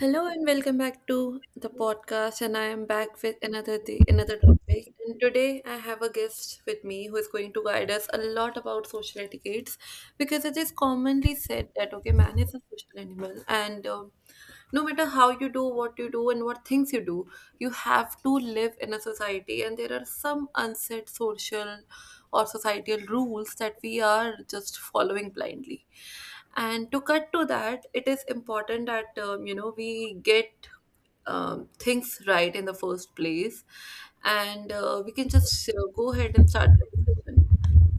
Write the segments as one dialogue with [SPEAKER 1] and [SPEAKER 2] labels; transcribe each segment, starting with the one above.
[SPEAKER 1] Hello and welcome back to the podcast. And I am back with another day, another topic. And today I have a guest with me who is going to guide us a lot about social etiquettes because it is commonly said that okay, man is a social animal, and no matter how you do, what you do, and what things you do, you have to live in a society. And there are some unsaid social or societal rules that we are just following blindly. And to cut to that, it is important that we get things right in the first place, and we can just go ahead and start the discussion.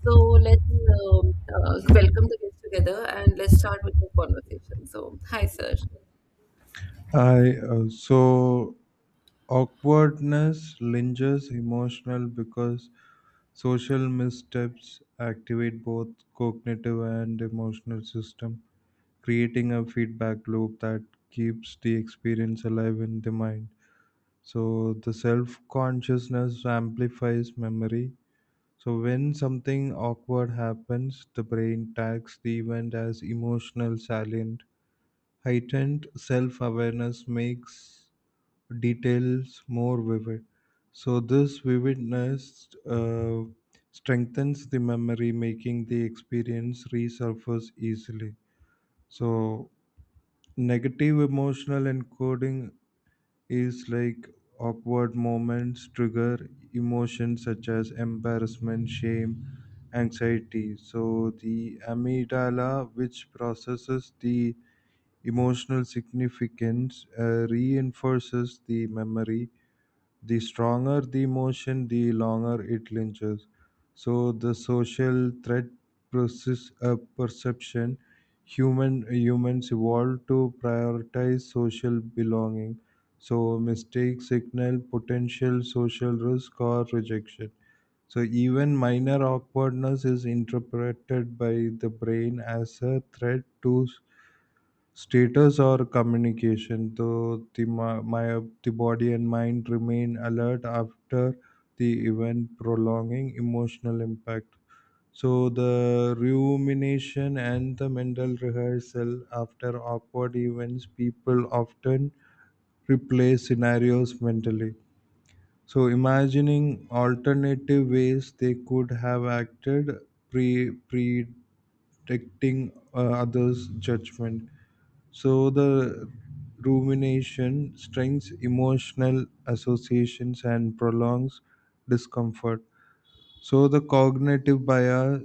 [SPEAKER 1] So let's welcome the guests together and let's start with the conversation. So, hi, sir.
[SPEAKER 2] I so awkwardness lingers emotional because social missteps activate both cognitive and emotional system, creating a feedback loop that keeps the experience alive in the mind. So the self-consciousness amplifies memory. So when something awkward happens, the brain tags the event as emotional salient. Heightened self-awareness makes details more vivid. So this vividness strengthens the memory, making the experience resurface easily. So negative emotional encoding is like awkward moments trigger emotions such as embarrassment, shame, anxiety. So the amygdala, which processes the emotional significance, reinforces the memory the stronger the emotion, the longer it lingers. So the social threat process a perception. Humans evolved to prioritize social belonging. So mistakes signal potential social risk or rejection. So even minor awkwardness is interpreted by the brain as a threat to status or communication. So the my, my the body and mind remain alert after the event, prolonging emotional impact. So the rumination and the mental rehearsal after awkward events, people often replay scenarios mentally. So imagining alternative ways they could have acted pre pre protecting others' judgment. So the rumination strengthens emotional associations and prolongs discomfort. So the cognitive bias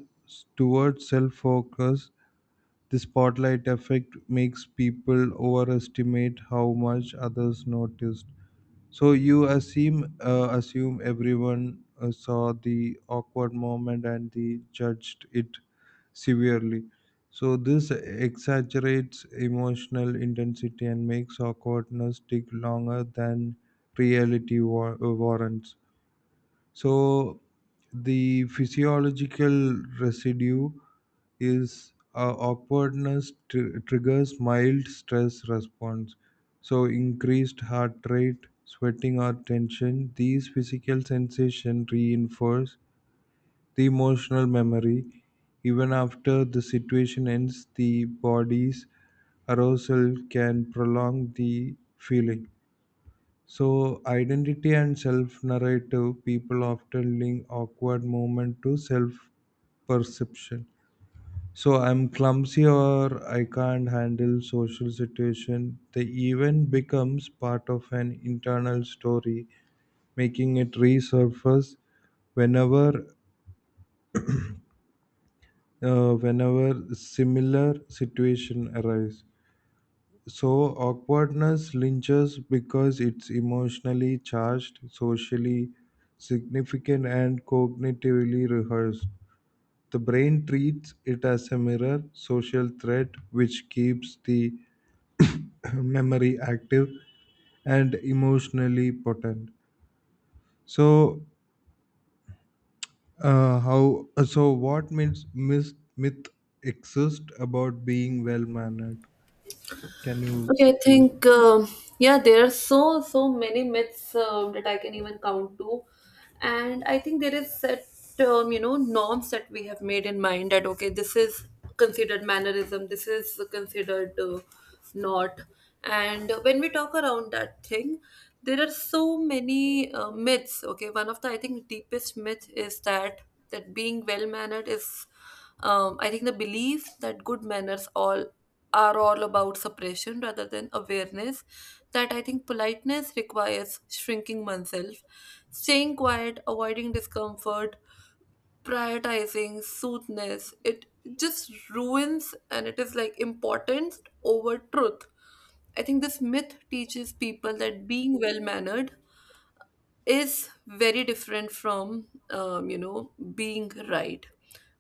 [SPEAKER 2] towards self-focus, the spotlight effect makes people overestimate how much others noticed. So you assume everyone saw the awkward moment and they judged it severely. So this exaggerates emotional intensity and makes awkwardness take longer than reality warrants. So the physiological residue is awkwardness triggers mild stress response. So increased heart rate, sweating or tension, these physical sensations reinforce the emotional memory. Even after the situation ends, the body's arousal can prolong the feeling. So, identity and self narrative people often link awkward moment to self perception. So, I'm clumsy or I can't handle social situation. The event becomes part of an internal story, making it resurface whenever whenever similar situation arise. So awkwardness lingers because it's emotionally charged, socially significant, and cognitively rehearsed. The brain treats it as a mirror, social threat, which keeps the memory active and emotionally potent. So, how? So, what myths myth, myth exist about being well mannered? Can you
[SPEAKER 1] Okay, I
[SPEAKER 2] give?
[SPEAKER 1] think yeah, there are so many myths that I can even count to, and I think there is set norms that we have made in mind that okay, this is considered mannerism, this is considered not, and when we talk around that thing, there are so many myths. Okay, one of the I think deepest myth is that being well mannered is I think the belief that good manners all are all about suppression rather than awareness. That I think politeness requires shrinking oneself, staying quiet, avoiding discomfort, prioritizing soothness. It just ruins, and it is like importance over truth. I think this myth teaches people that being well mannered is very different from being right.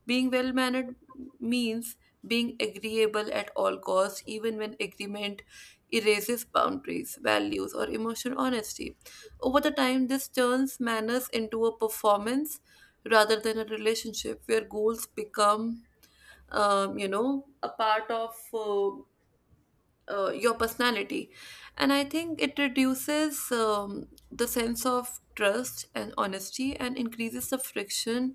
[SPEAKER 1] Being well mannered means being agreeable at all costs, even when agreement erases boundaries, values, or emotional honesty. Over the time, this turns manners into a performance rather than a relationship, where goals become a part of your personality. And I think it reduces the sense of trust and honesty and increases the friction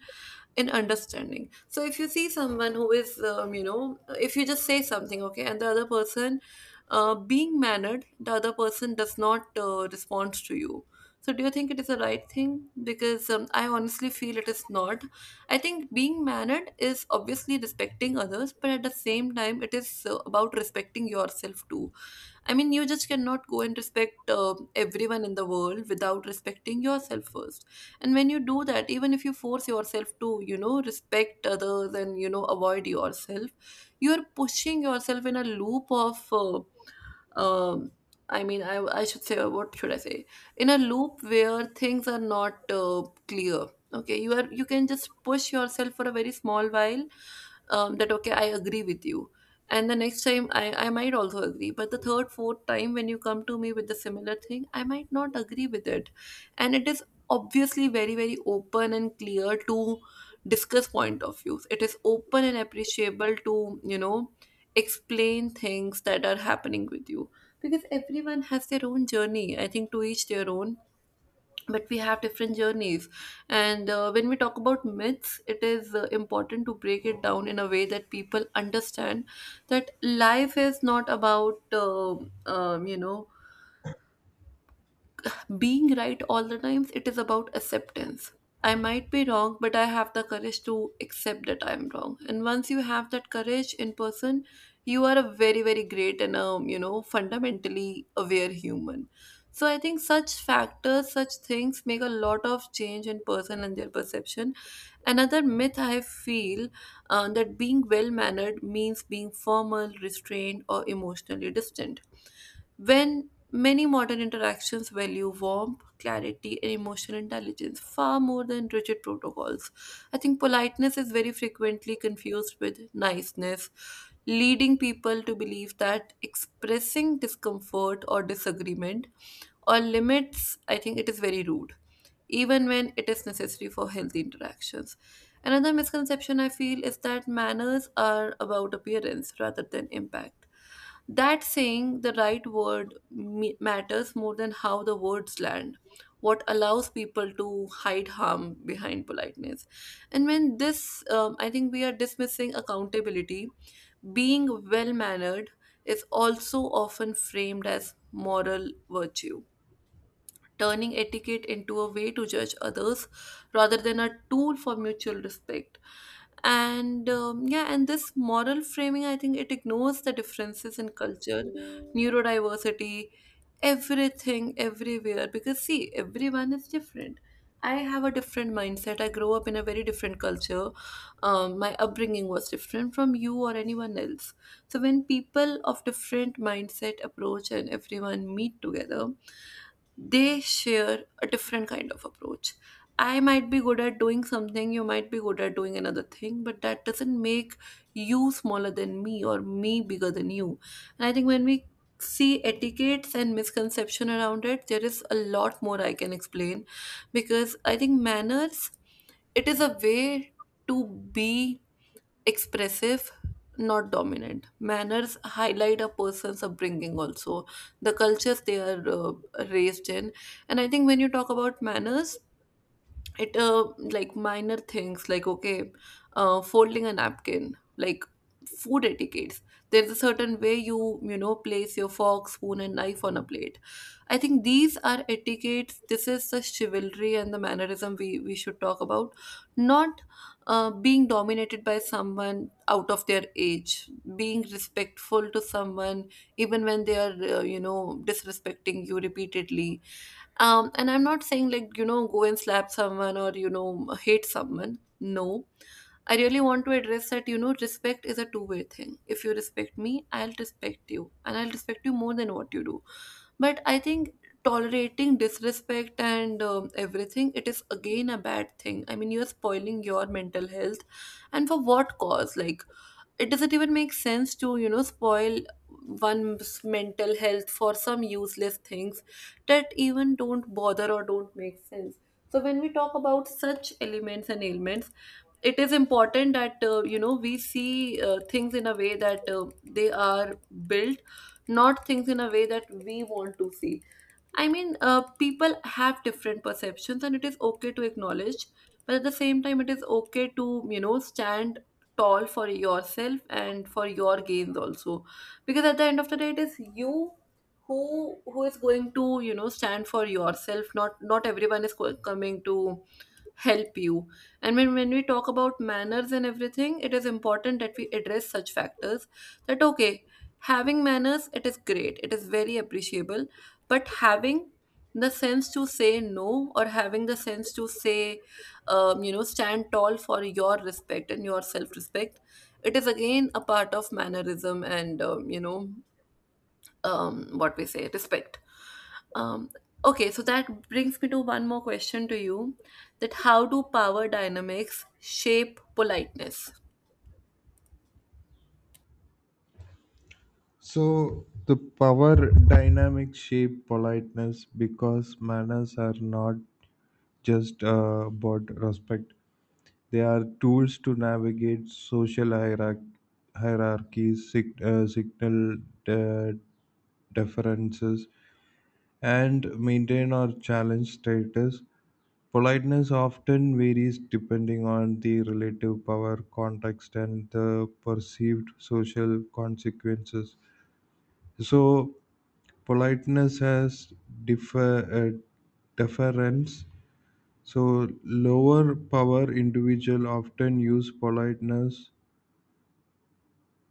[SPEAKER 1] in understanding. So if you see someone who is, if you just say something okay and the other person, being mannered, the other person does not respond to you, so do you think it is the right thing? Because I honestly feel it is not. I think being mannered is obviously respecting others, but at the same time, it is about respecting yourself too. I mean, you just cannot go and respect everyone in the world without respecting yourself first. And when you do that, even if you force yourself to, you know, respect others and, you know, avoid yourself, you are pushing yourself in a loop of um I mean, I should say, what should I say, in a loop where things are not clear. Okay, you can just push yourself for a very small while, that okay, I agree with you, and the next time I might also agree, but the third, fourth time when you come to me with the similar thing, I might not agree with it. And it is obviously very, very open and clear to discuss point of views. It is open and appreciable to, you know, explain things that are happening with you, because everyone has their own journey. I think to each their own, but we have different journeys. And when we talk about myths, it is important to break it down in a way that people understand that life is not about being right all the times. It is about acceptance. I might be wrong, but I have the courage to accept that I'm wrong, and once you have that courage in person, you are a very, very great and, fundamentally aware human. So I think such factors, such things make a lot of change in person and their perception. Another myth I feel, that being well mannered means being formal, restrained, or emotionally distant, when many modern interactions value warmth, clarity, and emotional intelligence far more than rigid protocols. I think politeness is very frequently confused with niceness, leading people to believe that expressing discomfort or disagreement or limits, I think it is very rude, even when it is necessary for healthy interactions. Another misconception I feel is that manners are about appearance rather than impact. That saying the right word matters more than how the words land, what allows people to hide harm behind politeness. And when this, I think we are dismissing accountability. Being well mannered is also often framed as moral virtue, turning etiquette into a way to judge others rather than a tool for mutual respect. And, yeah, and this moral framing, I think it ignores the differences in culture, neurodiversity, everything everywhere, because see, everyone is different. I have a different mindset. I grew up in a very different culture. My upbringing was different from you or anyone else. So when people of different mindset approach and everyone meet together, they share a different kind of approach. I might be good at doing something, you might be good at doing another thing, but that doesn't make you smaller than me or me bigger than you. And I think when we see etiquettes and misconception around it, there is a lot more I can explain, because I think manners, it is a way to be expressive, not dominant. Manners highlight a person's upbringing also, the cultures they are raised in. And I think when you talk about manners, it like minor things like okay, folding a napkin, like food etiquettes, there's a certain way you, you know, place your fork, spoon, and knife on a plate. I think these are etiquettes. This is the chivalry and the mannerism we should talk about. Not being dominated by someone out of their age, being respectful to someone even when they are, you know, disrespecting you repeatedly. And I'm not saying like, you know, go and slap someone or, you know, hate someone. No. I really want to address that, you know, respect is a two-way thing. If you respect me, I'll respect you, and I'll respect you more than what you do. But I think tolerating disrespect and, everything, it is again a bad thing. I mean, you're spoiling your mental health, and for what cause? Like, it doesn't even make sense to, you know, spoil one's mental health for some useless things that even don't bother or don't make sense. So when we talk about such elements and ailments, it is important that, we see, things in a way that, they are built, not things in a way that we want to see. I mean, people have different perceptions, and it is okay to acknowledge, but at the same time, it is okay to, you know, stand tall for yourself and for your gains also. Because at the end of the day, it is you who is going to, you know, stand for yourself. Not everyone is coming to help you. And when we talk about manners and everything, it is important that we address such factors that, okay, having manners, it is great, it is very appreciable, but having the sense to say no, or having the sense to say, stand tall for your respect and your self respect, it is again a part of mannerism and, what we say, respect. Um, okay, so that brings me to one more question to you, that how do power dynamics shape politeness?
[SPEAKER 2] So the power dynamics shape politeness because manners are not just about respect. They are tools to navigate social hierarchies, signal uh, differences, and maintain or challenge status. Politeness often varies depending on the relative power, context, and the perceived social consequences. So, politeness has defer uh, deference. So lower power individual often use politeness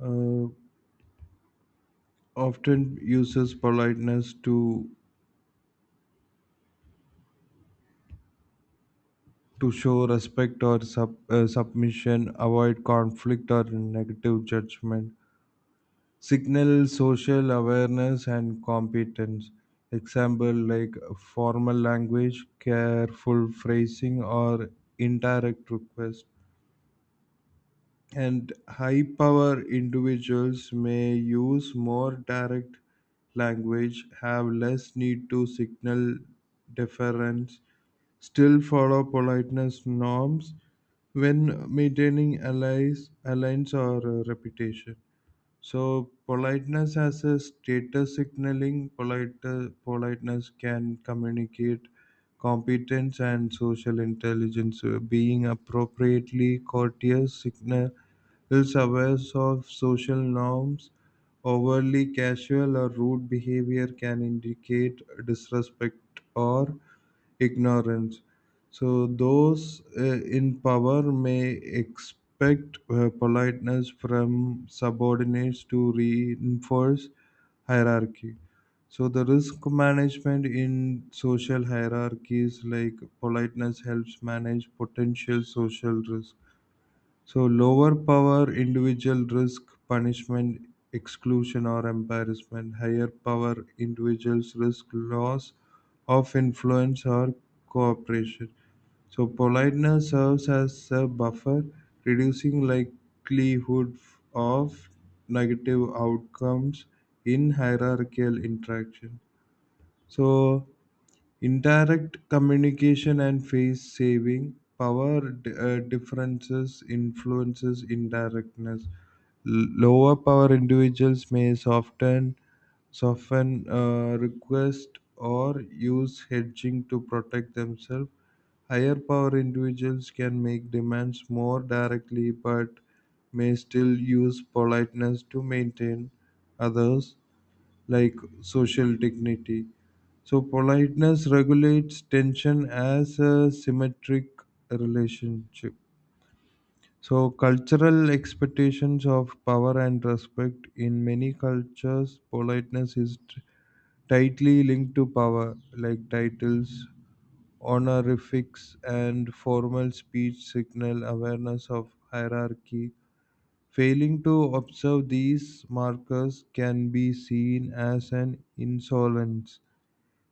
[SPEAKER 2] uh, often uses politeness to show respect or submission, avoid conflict or negative judgment, signal social awareness and competence, example like formal language, careful phrasing or indirect request. And high power individuals may use more direct language, have less need to signal deference, still follow politeness norms when maintaining allies, alliance or reputation. So politeness as a status signaling, politeness can communicate competence and social intelligence. Being appropriately courteous signals awareness of social norms. Overly casual or rude behavior can indicate disrespect or ignorance. So those in power may expect politeness from subordinates to reinforce hierarchy. So the risk management in social hierarchies like politeness helps manage potential social risk. So lower power, individual risk, punishment, exclusion or embarrassment. Higher power, individuals risk loss of influence or cooperation. So politeness serves as a buffer, reducing likelihood of negative outcomes in hierarchical interaction. So indirect communication and face saving power differences influences indirectness. Lower power individuals may soften request or use hedging to protect themselves. Higher power individuals can make demands more directly but may still use politeness to maintain others like social dignity. So politeness regulates tension as a symmetric relationship. So cultural expectations of power and respect in many cultures, politeness is tightly linked to power, like titles, honorifics, and formal speech signal awareness of hierarchy. Failing to observe these markers can be seen as an insolence.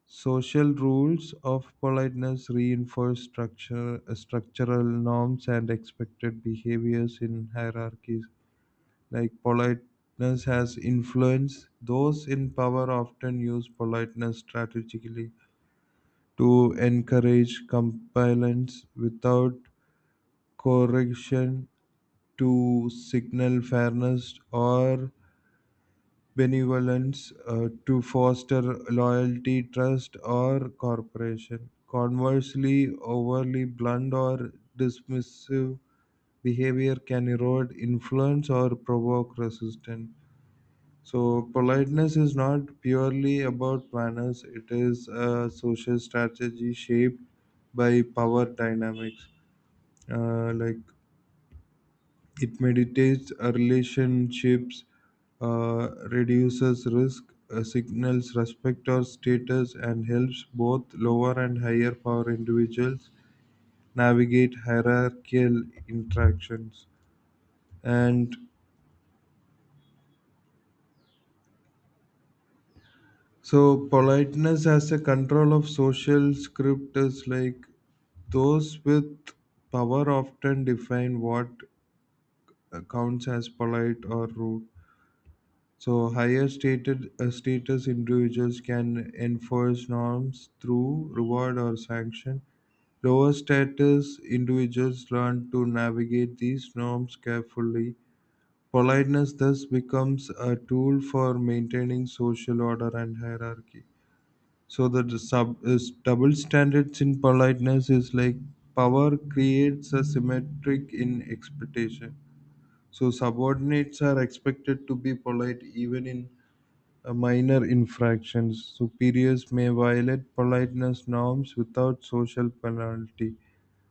[SPEAKER 2] Social rules of politeness reinforce structural norms and expected behaviors in hierarchies. Like politeness has influence, those in power often use politeness strategically to encourage compliance without correction, to signal fairness or benevolence to foster loyalty, trust, or cooperation. Conversely, overly blunt or dismissive behavior can erode influence or provoke resistance. So, politeness is not purely about manners, it is a social strategy shaped by power dynamics. Like it mediates relationships, reduces risk, signals respect or status, and helps both lower and higher power individuals navigate hierarchical interactions. And so, politeness as a control of social script is like those with power often define what counts as polite or rude. So higher stated status individuals can enforce norms through reward or sanction. Lower status individuals learn to navigate these norms carefully. Politeness thus becomes a tool for maintaining social order and hierarchy. So the d- sub is double standards in politeness is like power creates a symmetric in expectation. So subordinates are expected to be polite even in a minor infractions. Superiors may violate politeness norms without social penalty.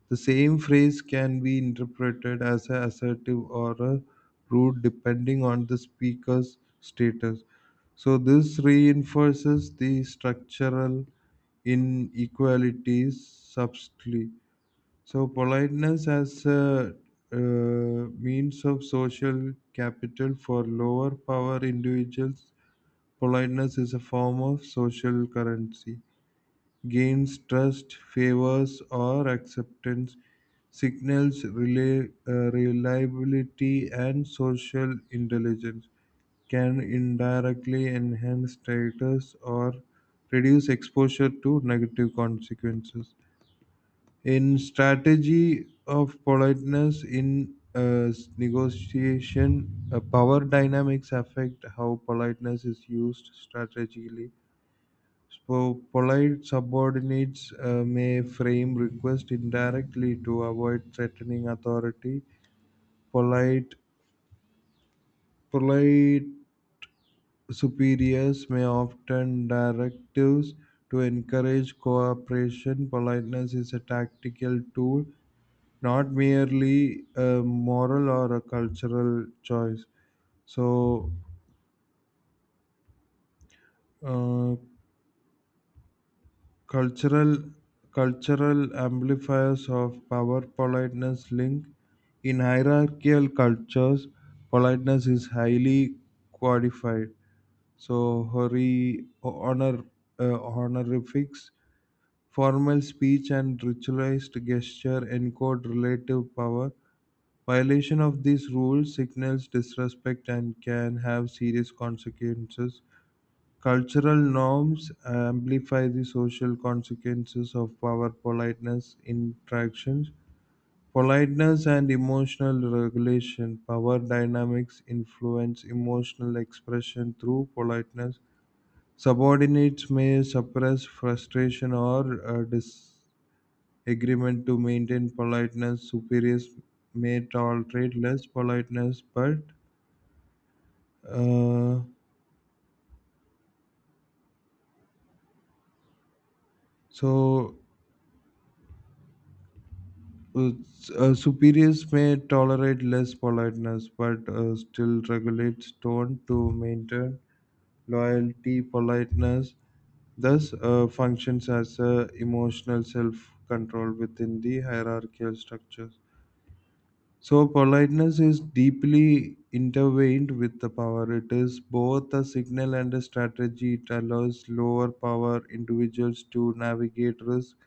[SPEAKER 2] The same phrase can be interpreted as a assertive or a rude depending on the speaker's status. So this reinforces the structural inequalities subtly. So politeness as a means of social capital for lower power individuals. Politeness is a form of social currency. Gains trust, favors, or acceptance, signals reliability and social intelligence, can indirectly enhance status or reduce exposure to negative consequences. In strategy of politeness in negotiation, power dynamics affect how politeness is used strategically. So polite subordinates may frame request indirectly to avoid threatening authority. Polite polite superiors may often directives to encourage cooperation. Politeness is a tactical tool, not merely a moral or a cultural choice. So uh, Cultural cultural amplifiers of power politeness link. In hierarchical cultures, politeness is highly qualified. So hurry, honor, honorifics, formal speech, and ritualized gesture encode relative power. Violation of these rules signals disrespect and can have serious consequences. Cultural norms amplify the social consequences of power politeness interactions. Politeness and emotional regulation. Power dynamics influence emotional expression through politeness. Subordinates may suppress frustration or disagreement to maintain politeness. Superiors may tolerate less politeness, but uh, so s- superiors may tolerate less politeness, but still regulates tone to maintain loyalty. Politeness thus functions as a emotional self-control within the hierarchical structures. So politeness is deeply intertwined with the power. It is both a signal and a strategy. It allows lower power individuals to navigate risk,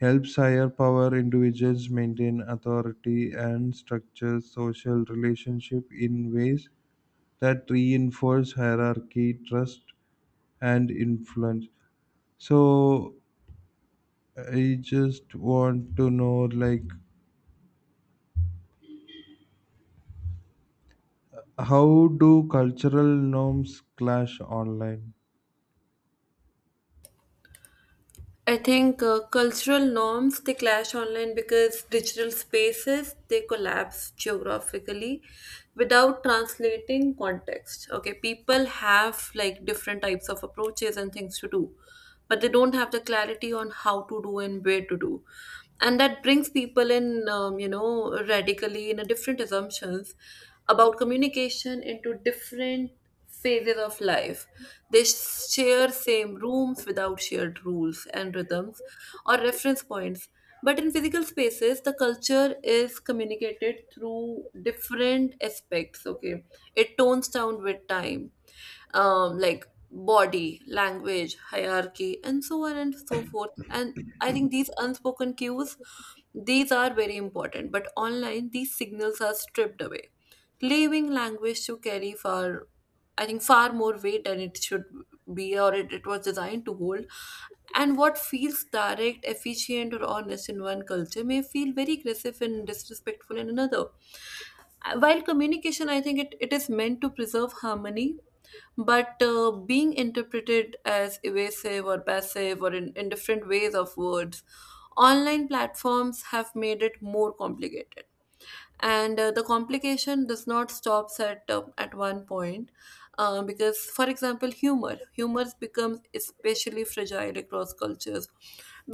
[SPEAKER 2] helps higher power individuals maintain authority and structure social relationship in ways that reinforce hierarchy, trust, and influence. So I just want to know like how do cultural norms clash online?
[SPEAKER 1] I think cultural norms, they clash online because digital spaces, they collapse geographically without translating context. Okay, people have like different types of approaches and things to do, but they don't have the clarity on how to do and where to do, and that brings people in, radically in a different assumptions about communication into different phases of life. They share same rooms without shared rules and rhythms or reference points. But in physical spaces, the culture is communicated through different aspects. Okay, it tones down with time, like body, language, hierarchy, and so on and so forth. And I think these unspoken cues, these are very important, but online these signals are stripped away, leaving language to carry far, I think far more weight than it should be, or it was designed to hold. And what feels direct, efficient, or honest in one culture may feel very aggressive and disrespectful in another. While communication, I think it is meant to preserve harmony but being interpreted as evasive or passive or in different ways of words, online platforms have made it more complicated and the complication does not stops at one point because, for example, humor becomes especially fragile across cultures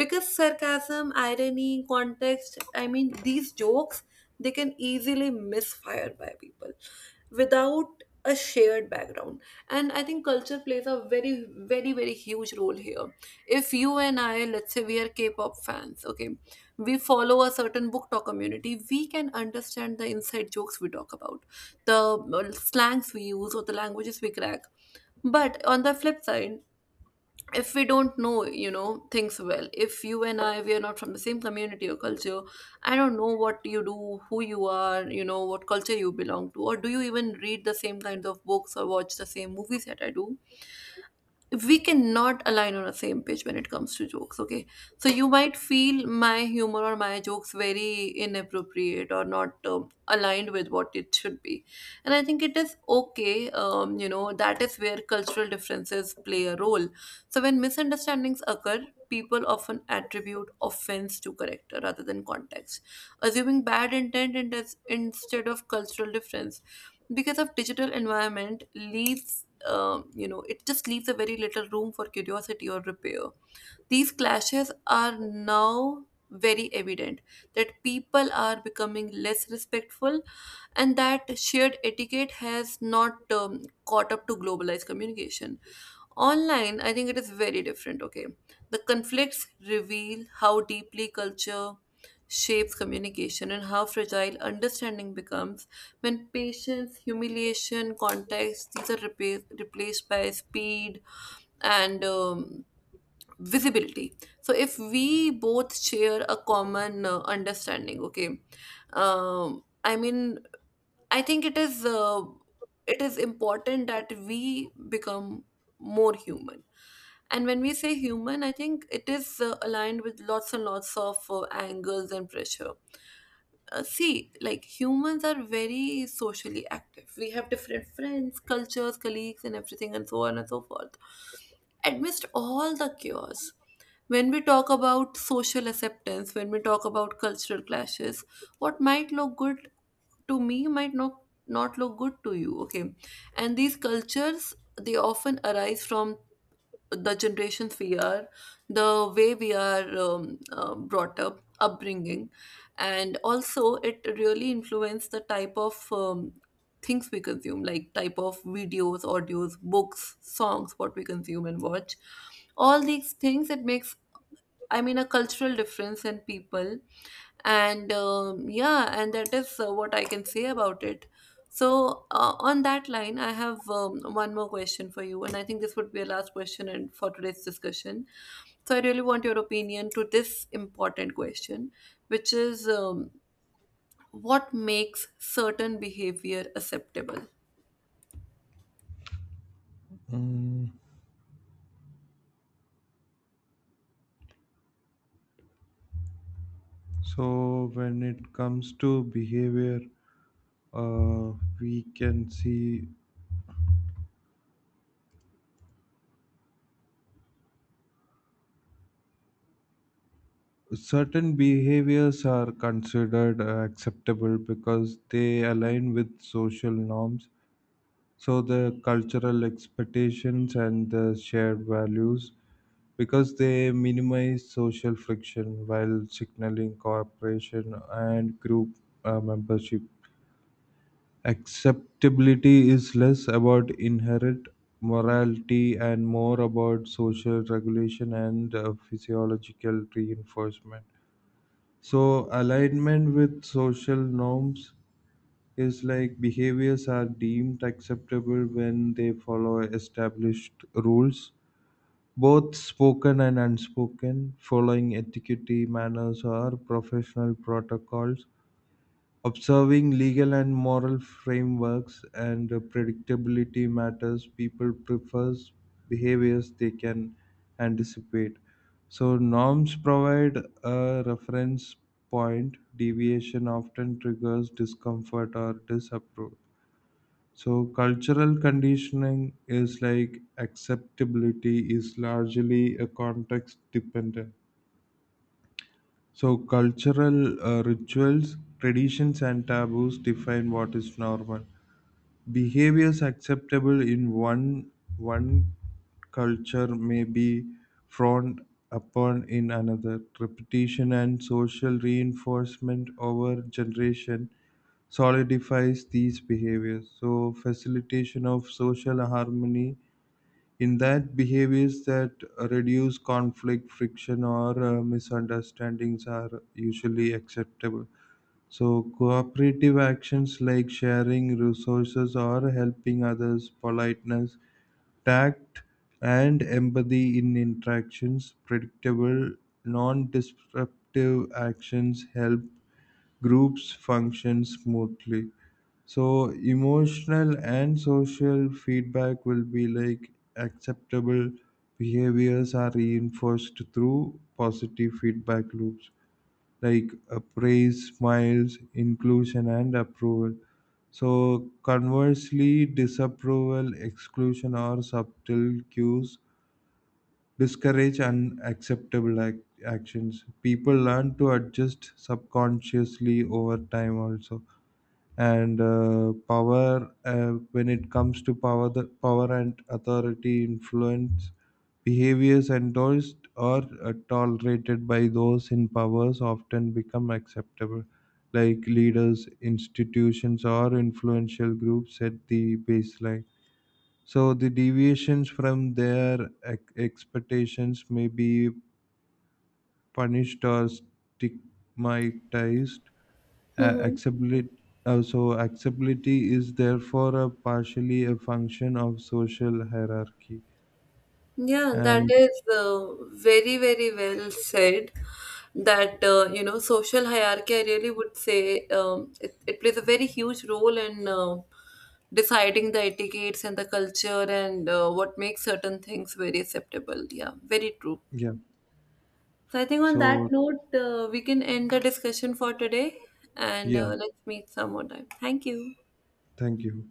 [SPEAKER 1] because sarcasm, irony, context, I mean these jokes, they can easily misfire by people without a shared background. And I think culture plays a very very huge role here. If you and I, let's say, we are K-pop fans, okay, we follow a certain book talk community, we can understand the inside jokes we talk about, the slangs we use, or the languages we crack. But on the flip side, if we don't know, things well, if you and I, we are not from the same community or culture, I don't know what you do, who you are, what culture you belong to, or do you even read the same kinds of books or watch the same movies that I do? We cannot align on the same page when it comes to jokes, okay? So you might feel my humor or my jokes very inappropriate or not aligned with what it should be. And I think it is okay. You know, that is where cultural differences play a role. So when misunderstandings occur, people often attribute offense to character rather than context, assuming bad intent instead of cultural difference. Because of digital environment leads, you know, it just leaves a very little room for curiosity or repair. These clashes are now very evident that people are becoming less respectful and that shared etiquette has not caught up to globalized communication. Online, I think it is very different, okay? The conflicts reveal how deeply culture shapes communication and how fragile understanding becomes when patience, humiliation, context, these are replaced by speed and visibility. So, if we both share a common understanding, okay? Um, I mean, I think it is important that we become more human. And when we say human, I think it is aligned with lots and lots of angles and pressure. See, like, humans are very socially active. We have different friends, cultures, colleagues, and everything, and so on and so forth. Amidst all the chaos, when we talk about social acceptance, when we talk about cultural clashes, what might look good to me might not look good to you, okay? And these cultures, they often arise from the generations we are, the way we are brought up, upbringing, and also it really influences the type of things we consume, like type of videos, audios, books, songs, what we consume and watch. All these things, it makes, I mean, a cultural difference in people. And yeah, and that is what I can say about it. So, on that line, I have one more question for you, and I think this would be a last question and for today's discussion. So, I really want your opinion to this important question, which is what makes certain behavior acceptable?
[SPEAKER 2] So when it comes to behavior, uh, we can see certain behaviors are considered acceptable because they align with social norms, so the cultural expectations and the shared values, because they minimize social friction while signaling cooperation and group membership. Acceptability is less about inherent morality and more about social regulation and physiological reinforcement. So, alignment with social norms is like behaviors are deemed acceptable when they follow established rules, both spoken and unspoken, following etiquette, manners, or professional protocols. Observing legal and moral frameworks and predictability matters. People prefers behaviors they can anticipate. So norms provide a reference point. Deviation often triggers discomfort or disapproval. So cultural conditioning is like acceptability is largely a context dependent. So, cultural rituals, traditions, and taboos define what is normal. Behaviors acceptable in one culture may be frowned upon in another. Repetition and social reinforcement over generation solidifies these behaviors. So, facilitation of social harmony in that behaviors that reduce conflict friction or misunderstandings are usually acceptable, so cooperative actions like sharing resources or helping others, politeness, tact and empathy in interactions, predictable non-disruptive actions help groups function smoothly. So emotional and social feedback will be like acceptable behaviors are reinforced through positive feedback loops like praise, smiles, inclusion, and approval. So conversely, disapproval, exclusion, or subtle cues discourage unacceptable actions, people learn to adjust subconsciously over time also. And power when it comes to power, the power and authority influence behaviors endorsed or tolerated by those in powers often become acceptable, like leaders, institutions or influential groups set the baseline. So the deviations from their expectations may be punished or stigmatized. Uh, acceptability, so acceptability is therefore a partially a function of social hierarchy.
[SPEAKER 1] Yeah, that
[SPEAKER 2] And
[SPEAKER 1] is very, very well said. That, you know, social hierarchy, I really would say it plays a very huge role in deciding the etiquettes and the culture and what makes certain things very acceptable. Yeah, very true.
[SPEAKER 2] yeah,
[SPEAKER 1] So I think on that
[SPEAKER 2] so
[SPEAKER 1] note, we can end the discussion for today and
[SPEAKER 2] yeah,
[SPEAKER 1] let's meet some more time. Thank you.
[SPEAKER 2] thank you.